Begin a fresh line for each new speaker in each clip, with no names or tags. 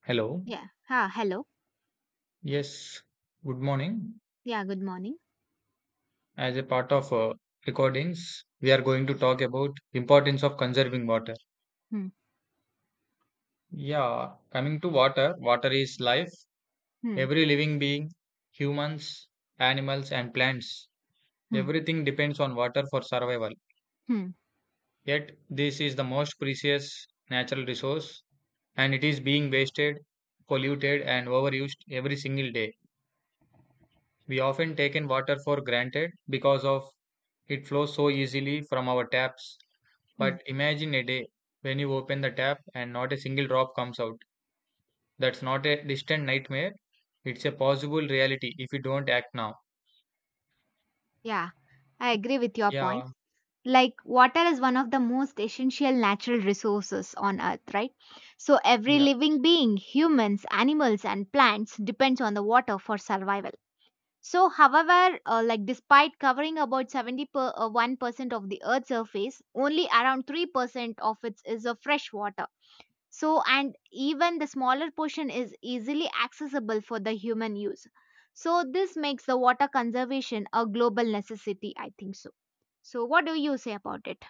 Hello.
Yeah. Ha. Hello.
Yes. Good morning.
Yeah, good morning.
As a part of recordings, we are going to talk about importance of conserving water.
Hmm.
Yeah, coming to water, water is life.
Hmm.
Every living being, humans, animals and plants,
Hmm.
everything depends on water for survival.
Hmm.
Yet this is the most precious natural resource and it is being wasted, polluted and overused every single day. We often taken water for granted because of it flows so easily from our taps.
Hmm.
But imagine a day when you open the tap and not a single drop comes out. That's not a distant nightmare. It's a possible reality if we don't act now.
Yeah, I agree with your
Yeah,
points. Like, water is one of the most essential natural resources on earth, right? So, every
yeah,
living being, humans, animals, and plants, depends on the water for survival. So, however, like despite covering about 1% of the earth's surface, only around 3% of it is of fresh water. So, and even the smaller portion is easily accessible for the human use. So, this makes the water conservation a global necessity, I think so. So, what do you say about it?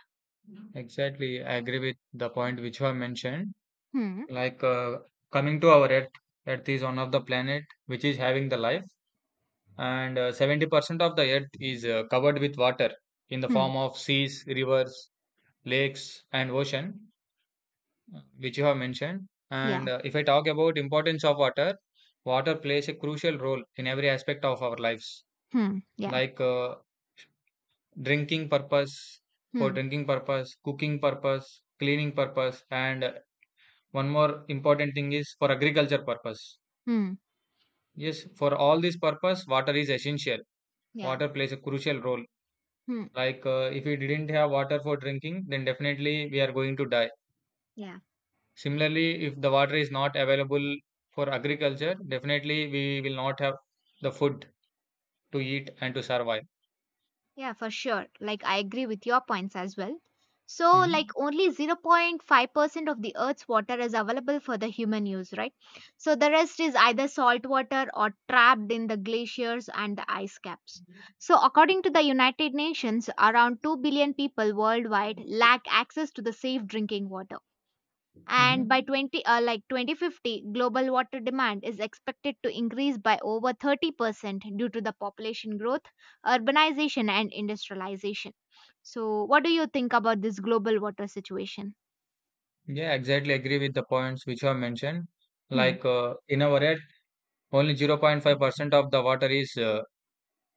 exactly. I agree with the point which you have mentioned.
Hmm.
Like coming to our Earth, Earth is one of the planet which is having the life, and 70% of the Earth is covered with water in the
Hmm.
form of seas, rivers, lakes, and ocean. Which you have mentioned. And
Yeah.
if I talk about importance of water, water plays a crucial role in every aspect of our lives,
Hmm. Yeah.
like drinking purpose, for
Hmm.
drinking purpose, cooking purpose, cleaning purpose, and one more important thing is for agriculture purpose.
Hmm.
Yes, for all these purpose water is essential.
Yeah.
Water plays a crucial role,
Hmm.
like if we didn't have water for drinking, then definitely we are going to die.
Yeah.
Similarly, if the water is not available for agriculture, definitely we will not have the food to eat and to survive.
Yeah, for sure. Like, I agree with your points as well. So, like,
Hmm.
only 0.5% of the Earth's water is available for the human use, right? So, the rest is either salt water or trapped in the glaciers and the ice caps. So, according to the United Nations, around 2 billion people worldwide lack access to the safe drinking water, and by
Hmm.
20 uh, like 2050, global water demand is expected to increase by over 30% due to the population growth, urbanization, and industrialization. So what do you think about this global water situation?
Yeah, exactly. Agree with the points which you have mentioned.
Hmm.
Like in our area, only 0.5% of the water is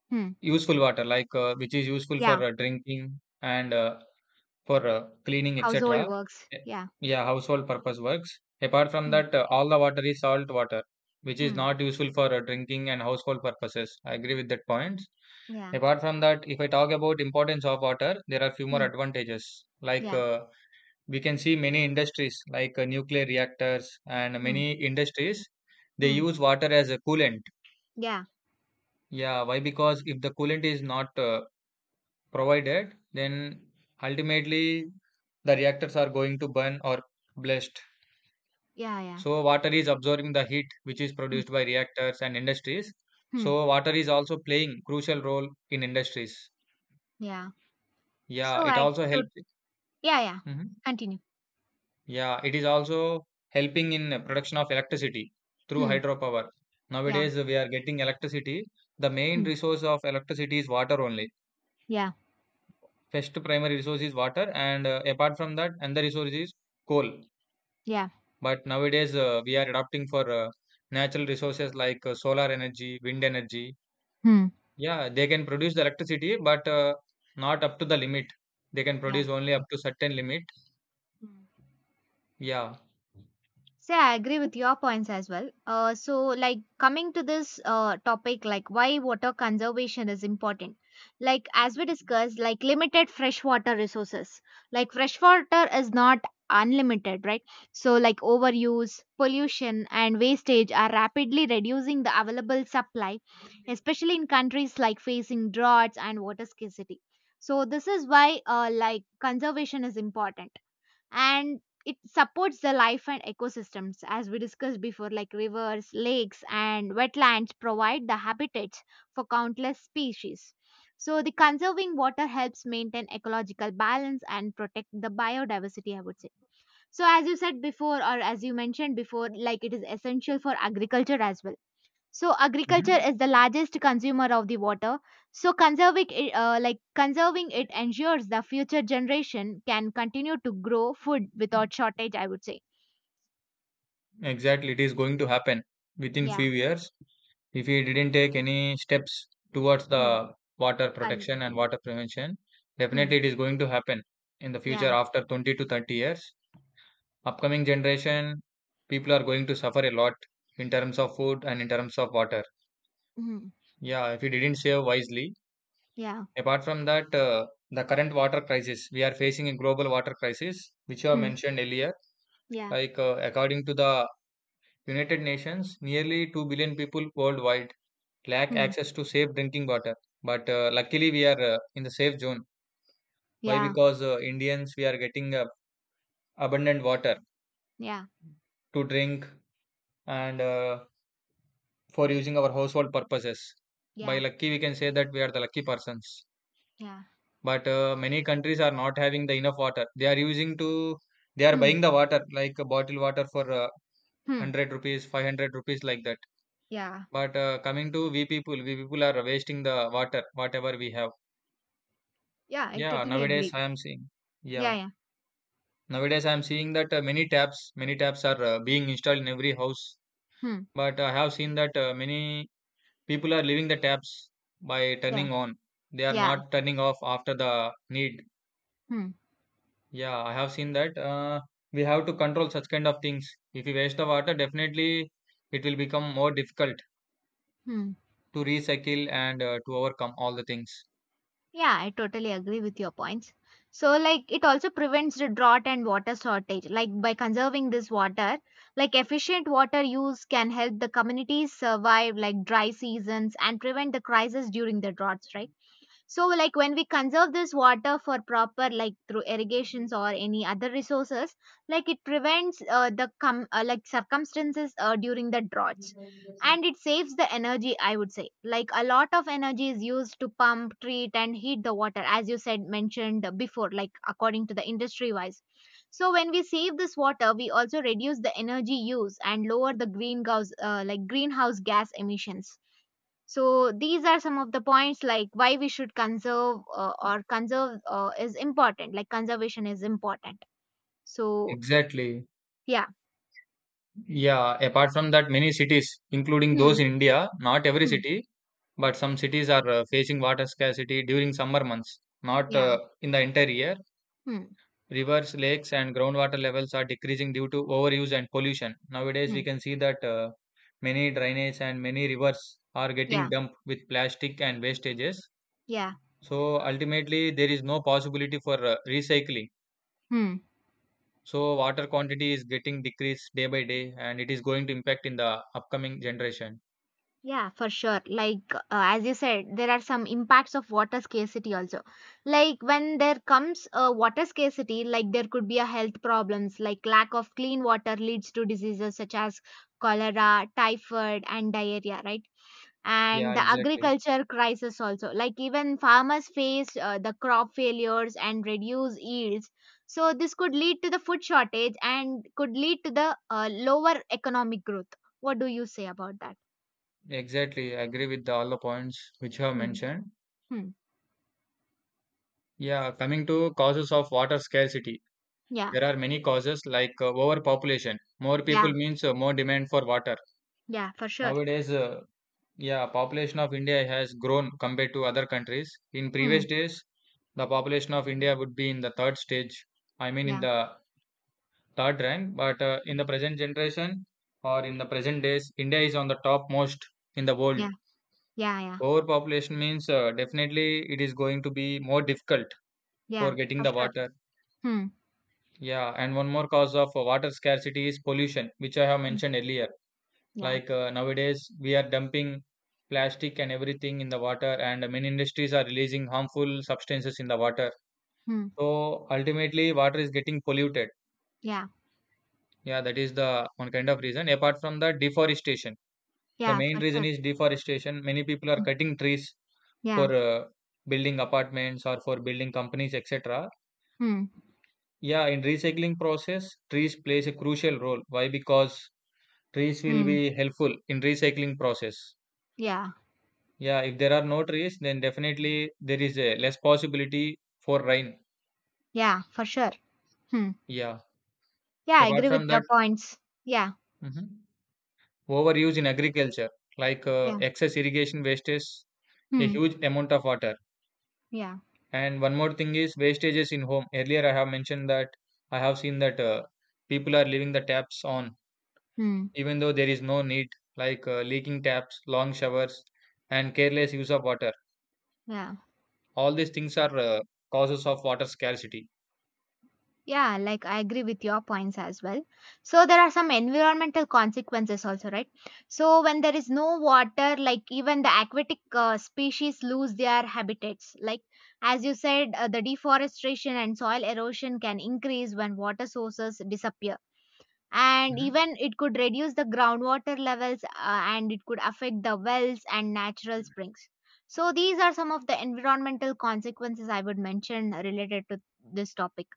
Hmm.
useful water, like which is useful for
Yeah.
drinking and for cleaning,
Household
etc.
works,
Eh,
yeah.
Yeah, household purpose works. Apart from
Hmm.
that, all the water is salt water, which is
Hmm.
not useful for drinking and household purposes. I agree with that point.
Yeah.
Apart from that, if I talk about importance of water, there are few more
Hmm.
advantages. Like
Yeah.
we can see many industries, like nuclear reactors and
Hmm.
many industries, they
Hmm.
use water as a coolant.
Yeah.
Yeah, why? Because if the coolant is not provided, then ultimately the reactors are going to burn or blast.
Yeah. Yeah.
So water is absorbing the heat which is
Hmm.
produced by reactors and industries.
Hmm.
So water is also playing crucial role in industries.
Yeah.
Yeah,
so
it
I
also
to
helps.
Yeah, yeah,
Mhm.
continue.
Yeah, it is also helping in production of electricity through
Hmm.
hydropower.
Yeah.
Nowadays we are getting electricity. The main
Hmm.
resource of electricity is water only.
Yeah.
First primary resource is water, and apart from that, another resource is coal.
Yeah.
But nowadays, we are adopting for natural resources like solar energy, wind energy.
Hmm.
Yeah, they can produce the electricity, but not up to the limit. They can
Yeah.
produce only up to certain limit.
Hmm.
Yeah.
See, I agree with your points as well. So, like coming to this topic, like why water conservation is important. Like as we discussed, like limited freshwater resources. Like freshwater is not unlimited, right? So, like overuse, pollution, and wastage are rapidly reducing the available supply, especially in countries like facing droughts and water scarcity. So, this is why like conservation is important, and it supports the life and ecosystems, as we discussed before, like rivers, lakes, and wetlands provide the habitats for countless species. So the conserving water helps maintain ecological balance and protect the biodiversity, I would say. So as you said before or as you mentioned before, like it is essential for agriculture as well. So agriculture
Mhm.
is the largest consumer of the water. So conserving it, like conserving it ensures the future generation can continue to grow food without shortage, I would say.
Exactly. It is going to happen within
Yeah.
few years if we didn't take any steps towards
Mm.
the water
Con-
protection and water prevention.
hmm.
Definitely, it is going to happen in the future
Yeah.
after 20 to 30 years. Upcoming generation people are going to suffer a lot in terms of food and in terms of water.
Mm.
Yeah, if we didn't save wisely.
Yeah.
Apart from that, the current water crisis, we are facing a global water crisis, which you have
Mm.
mentioned earlier.
Yeah.
Like according to the United Nations, nearly 2 billion people worldwide lack
Mm.
access to safe drinking water. But luckily we are in the safe zone. Why?
Yeah.
Because Indians, we are getting abundant water
Yeah.
to drink and for using our household purposes. By
Yeah.
lucky, we can say that we are the lucky persons.
Yeah.
But many countries are not having the enough water. They are using to, they are
Hmm.
buying the water like a bottle water for
Hmm.
100 rupees, 500 rupees, like that.
Yeah.
But coming to we people, we people are wasting the water whatever we have.
Yeah. I
yeah
totally
nowadays
agree.
i am seeing yeah
Yeah. Yeah.
nowadays I am seeing that many taps are being installed in every house.
Hmm.
But I have seen that many people are leaving the taps by
Yeah.
turning on. They are
Yeah.
not turning off after the need.
Hmm.
Yeah, I have seen that we have to control such kind of things. If we waste the water, definitely it will become more difficult
Hmm.
to recycle and to overcome all the things.
Yeah, I totally agree with your points. So, like, it also prevents the drought and water shortage. Like, by conserving this water, like efficient water use can help the communities survive, like dry seasons, and prevent the crisis during the droughts, right? So like when we conserve this water for proper, like through irrigations or any other resources, like it prevents like circumstances during the droughts. And it saves the energy, I would say. Like a lot of energy is used to pump, treat, and heat the water, as you said mentioned before, like according to the industry wise. So when we save this water, we also reduce the energy use and lower the greenhouse gas emissions. So these are some of the points, like why we should conserve is important, like conservation is important. So
Exactly.
yeah.
Yeah. Apart from that, many cities, including
Hmm.
those in India, not every
Hmm.
city, but some cities are facing water scarcity during summer months, not
Yeah.
in the entire year.
Hmm.
Rivers, lakes, and groundwater levels are decreasing due to overuse and pollution. Nowadays, we
Hmm.
can see that many drainage and many rivers are getting
Yeah.
dumped with plastic and wastages.
Yeah.
So, ultimately, there is no possibility for recycling.
Hmm.
So, water quantity is getting decreased day by day, and it is going to impact in the upcoming generation.
Yeah, for sure. Like as you said, there are some impacts of water scarcity also. Like when there comes a water scarcity, like there could be a health problems, like lack of clean water leads to diseases such as cholera, typhoid, and diarrhea, right?
Yeah,
And the
exactly.
agriculture crisis also, like even farmers face the crop failures and reduce yields. So this could lead to the food shortage and could lead to the lower economic growth. What do you say about that?
Exactly. I agree with all the points which you have
Hmm.
mentioned.
Hmm.
Yeah, coming to causes of water scarcity.
Yeah.
There are many causes like overpopulation. More people
Yeah.
means more demand for water.
Yeah, for sure.
Nowadays, yeah, population of India has grown compared to other countries. In previous
Hmm.
days, the population of India would be in the third stage. I mean, in
Yeah.
the third rank. But in the present generation or in the present days, India is on the topmost in the world.
Yeah. Yeah. Yeah.
Overpopulation means definitely it is going to be more difficult
Yeah,
for getting
for
the
sure.
water.
Hmm.
Yeah, and one more cause of water scarcity is pollution, which I have
Hmm.
mentioned earlier.
Yeah.
Like nowadays, we are dumping plastic and everything in the water, and many industries are releasing harmful substances in the water.
Hmm.
So ultimately, water is getting polluted.
Yeah.
Yeah, that is the one kind of reason. Apart from the deforestation, the
Yeah, for
main reason
sure.
is deforestation. Many people are
Hmm.
cutting trees
Yeah.
for building apartments or for building companies, etc.
Hmm.
Yeah, in recycling process, trees plays a crucial role. Why? Because trees will
Hmm.
be helpful in recycling process.
Yeah.
Yeah, if there are no trees, then definitely there is a less possibility for rain.
Yeah, for sure. Hmm.
Yeah.
Yeah, I
Apart
agree with
from
your
that,
points. Yeah.
mhm, overuse in agriculture, like
Yeah.
excess irrigation wastes a
Hmm.
huge amount of water.
Yeah.
And one more thing is wastages in home. Earlier, I have mentioned that I have seen that people are leaving the taps on,
Hmm.
even though there is no need, like leaking taps, long showers, and careless use of water.
Yeah.
All these things are causes of water scarcity.
Yeah. Like I agree with your points as well. So there are some environmental consequences also, right? So when there is no water, like even the aquatic species lose their habitats. Like as you said, the deforestation and soil erosion can increase when water sources disappear. And
Mhm.
even it could reduce the groundwater levels, and it could affect the wells and natural springs. So these are some of the environmental consequences I would mention related to this topic.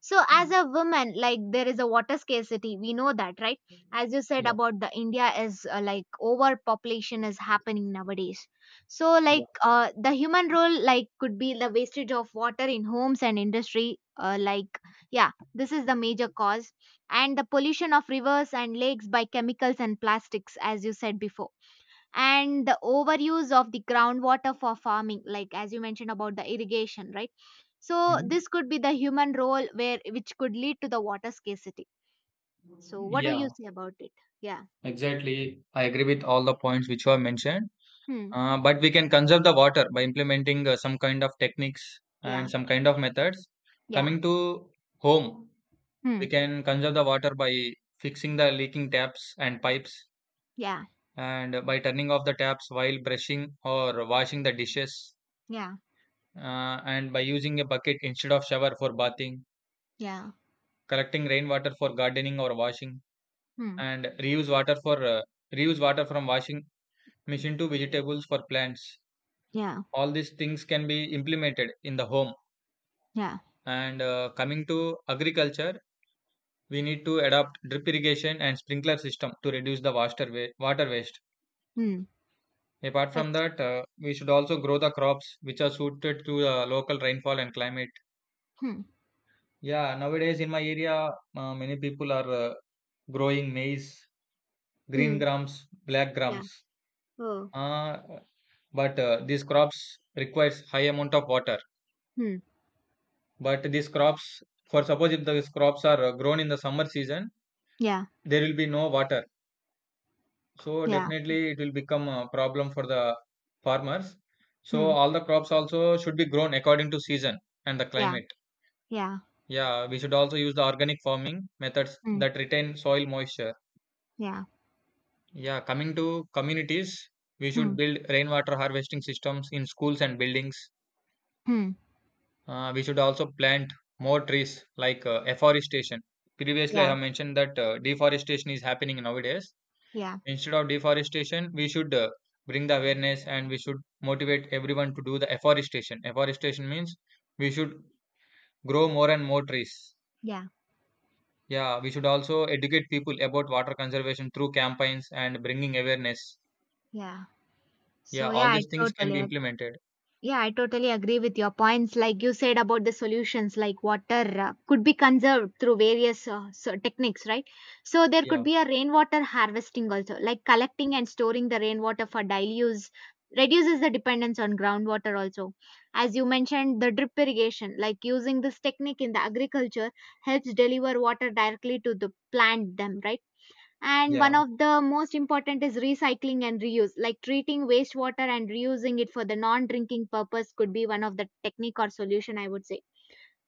So, as a woman, like there is a water scarcity, we know that, right? As you said
Yeah,
about the India is like overpopulation is happening nowadays. So,
yeah.
like the human role, like could be the wastage of water in homes and industry. Yeah, this is the major cause, and the pollution of rivers and lakes by chemicals and plastics, as you said before. And the overuse of the groundwater for farming, like as you mentioned about the irrigation, right? So
Mhm.
this could be the human role, where which could lead to the water scarcity. So what do
Yeah,
you say about it? Yeah.
exactly. I agree with all the points which were mentioned.
Hmm.
But we can conserve the water by implementing some kind of techniques and
Yeah.
some kind of methods.
Yeah.
Coming to home,
Hmm.
we can conserve the water by fixing the leaking taps and pipes,
Yeah.
and by turning off the taps while brushing or washing the dishes,
Yeah.
and by using a bucket instead of shower for bathing,
Yeah.
collecting rainwater for gardening or washing,
Hmm.
and reuse water from washing machine to vegetables for plants.
Yeah.
All these things can be implemented in the home.
Yeah.
And coming to agriculture, we need to adopt drip irrigation and sprinkler system to reduce the water waste.
Hmm.
Apart
Yes.
from that, we should also grow the crops which are suited to the local rainfall and climate.
Hmm.
Yeah, nowadays in my area, many people are growing maize, green
Hmm.
grams, black
Yeah.
grams.
Oh.
Uh, but these crops requires high amount of water.
Hmm.
But these crops, for suppose, if these crops are grown in the summer season,
Yeah.
there will be no water. So
Yeah.
definitely it will become a problem for the farmers. So
Hmm.
all the crops also should be grown according to season and the
Yeah.
climate.
Yeah.
Yeah, we should also use the organic farming methods
Hmm.
that retain soil moisture.
Yeah.
Yeah, coming to communities, we should
Hmm.
build rainwater harvesting systems in schools and buildings.
Hmm.
We should also plant more trees, like afforestation. Previously, I
Yeah.
have mentioned that deforestation is happening nowadays.
Yeah.
Instead of deforestation, we should bring the awareness and we should motivate everyone to do the afforestation. Afforestation means we should grow more and more trees.
Yeah.
Yeah, we should also educate people about water conservation through campaigns and bringing awareness.
Yeah.
Yeah,
so
all
yeah i
these things can be
totally
implemented.
Yeah, I totally agree with your points. Like you said about the solutions, like water could be conserved through various techniques, right? So there could
Yeah,
be a rainwater harvesting also, like collecting and storing the rainwater for daily use, reduces the dependence on groundwater also. As you mentioned, the drip irrigation, like using this technique in the agriculture helps deliver water directly to the plant them, right? And
yeah.
one of the most important is recycling and reuse, like treating wastewater and reusing it for the non-drinking purpose could be one of the technique or solution, I would say.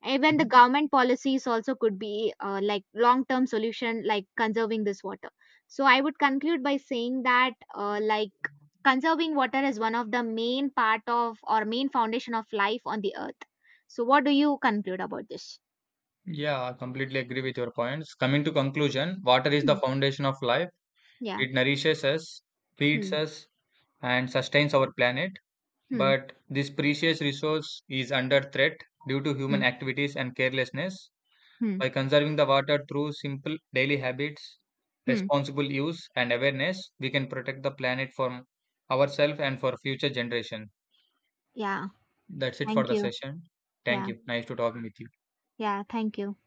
Even the
Mhm.
government policies also could be like long-term solution, like conserving this water. So I would conclude by saying that like conserving water is one of the main part of or main foundation of life on the earth. So what do you conclude about this?
Yeah, I completely agree with your points. Coming to conclusion, water is the
Hmm.
foundation of life.
Yeah.
It nourishes us, feeds
Hmm.
us, and sustains our planet.
Hmm.
But this precious resource is under threat due to
Hmm.
human activities and carelessness.
Hmm.
By conserving the water through simple daily habits,
Hmm.
responsible use, and awareness, we can protect the planet from ourselves and for future generation.
Yeah.
That's it for
Thank
the
you.
session. Thank
Yeah.
you. Nice to talking with you.
Yeah, thank you.